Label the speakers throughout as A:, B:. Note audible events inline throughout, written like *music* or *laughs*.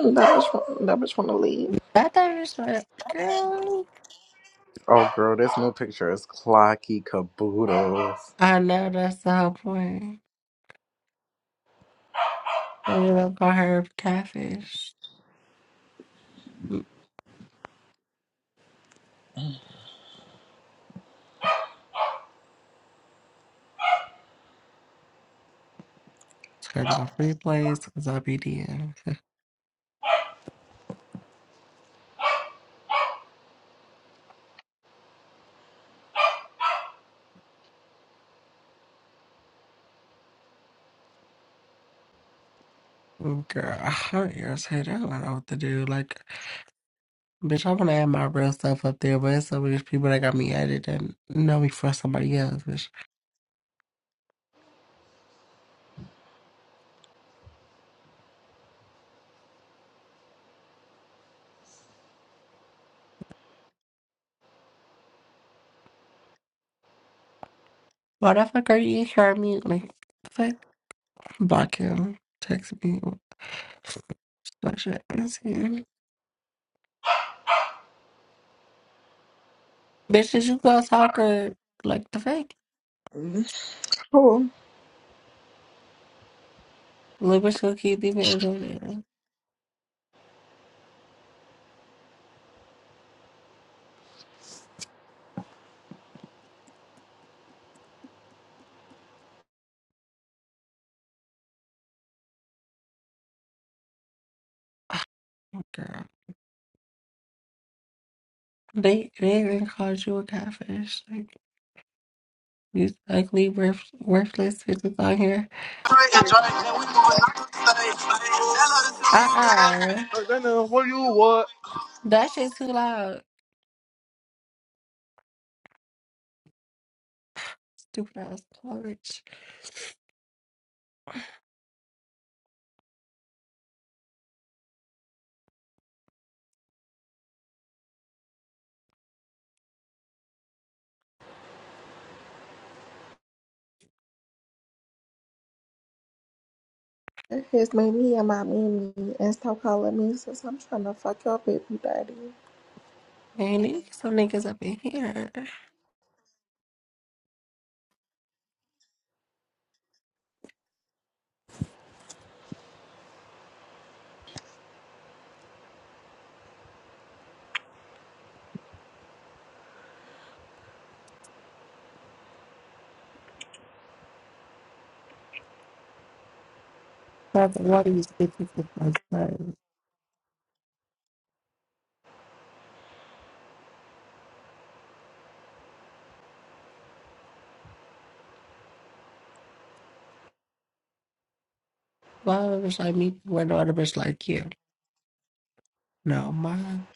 A: That bitch, wa- that bitch wanna leave.
B: I thought this was girl.
A: Oh girl, this new picture is clocky caboodles.
B: I know that's the whole point. So you don't call her catfish. Turn off replays because I'll be DM. *laughs* Girl, I'm irritated. I don't know what to do. Like, bitch, I want to add my real stuff up there, but it's so many people that got me added and know me for somebody else, bitch. Why the fuck are you here me? Like, fuck, block him, text me, like shit. Let's see. Bitch, did you go talk or like the fuck?
A: Cool.
B: Lippers gonna keep leaving Android in. Girl. They they even called you a catfish. Like you ugly worth, worthless bitches out here. Uh uh
C: Hey, Dana, where you what?
B: That shit too loud. Stupid ass porch.
A: His mommy and my mommy and stop calling me since I'm trying to fuck your baby daddy.
B: Man, these some niggas up in here. That's one of these bitches is my son. Why a bitch like me where no other bitch like you? No, mine.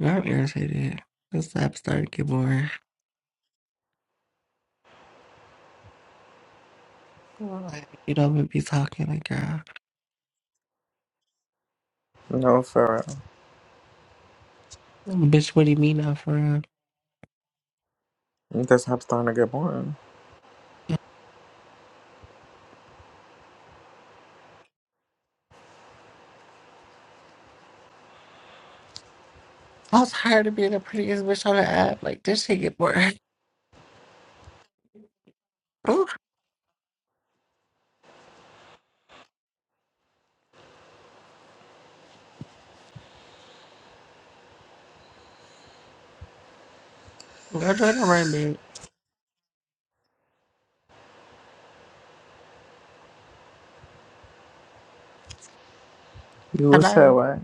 B: I'm irritated. This app started to get boring. Like, you don't even be talking like girl.
A: No, for
B: Bitch, what do you mean now for real?
A: real. This I'm starting to get boring.
B: I was tired of being the prettiest bitch on the app. Like this shit get boring. *laughs* Ooh, go join the ring, bitch.
A: You said
B: Hello,
A: what?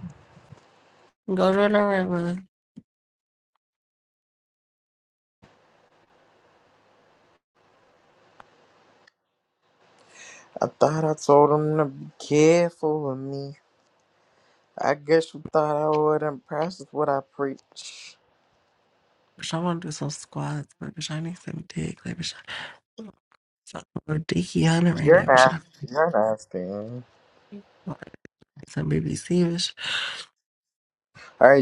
B: go join the ring, man.
A: I thought I told him to be careful with me. I guess you thought I wouldn't practice what I preach.
B: Bitch, I want to do some squats, but bitch, I need some dick. Like bitch, I- I'm so dicky on it right
A: You're
B: now. Bitch, I
A: nasty. You're nasty. All
B: want some BBC bitch.
A: right,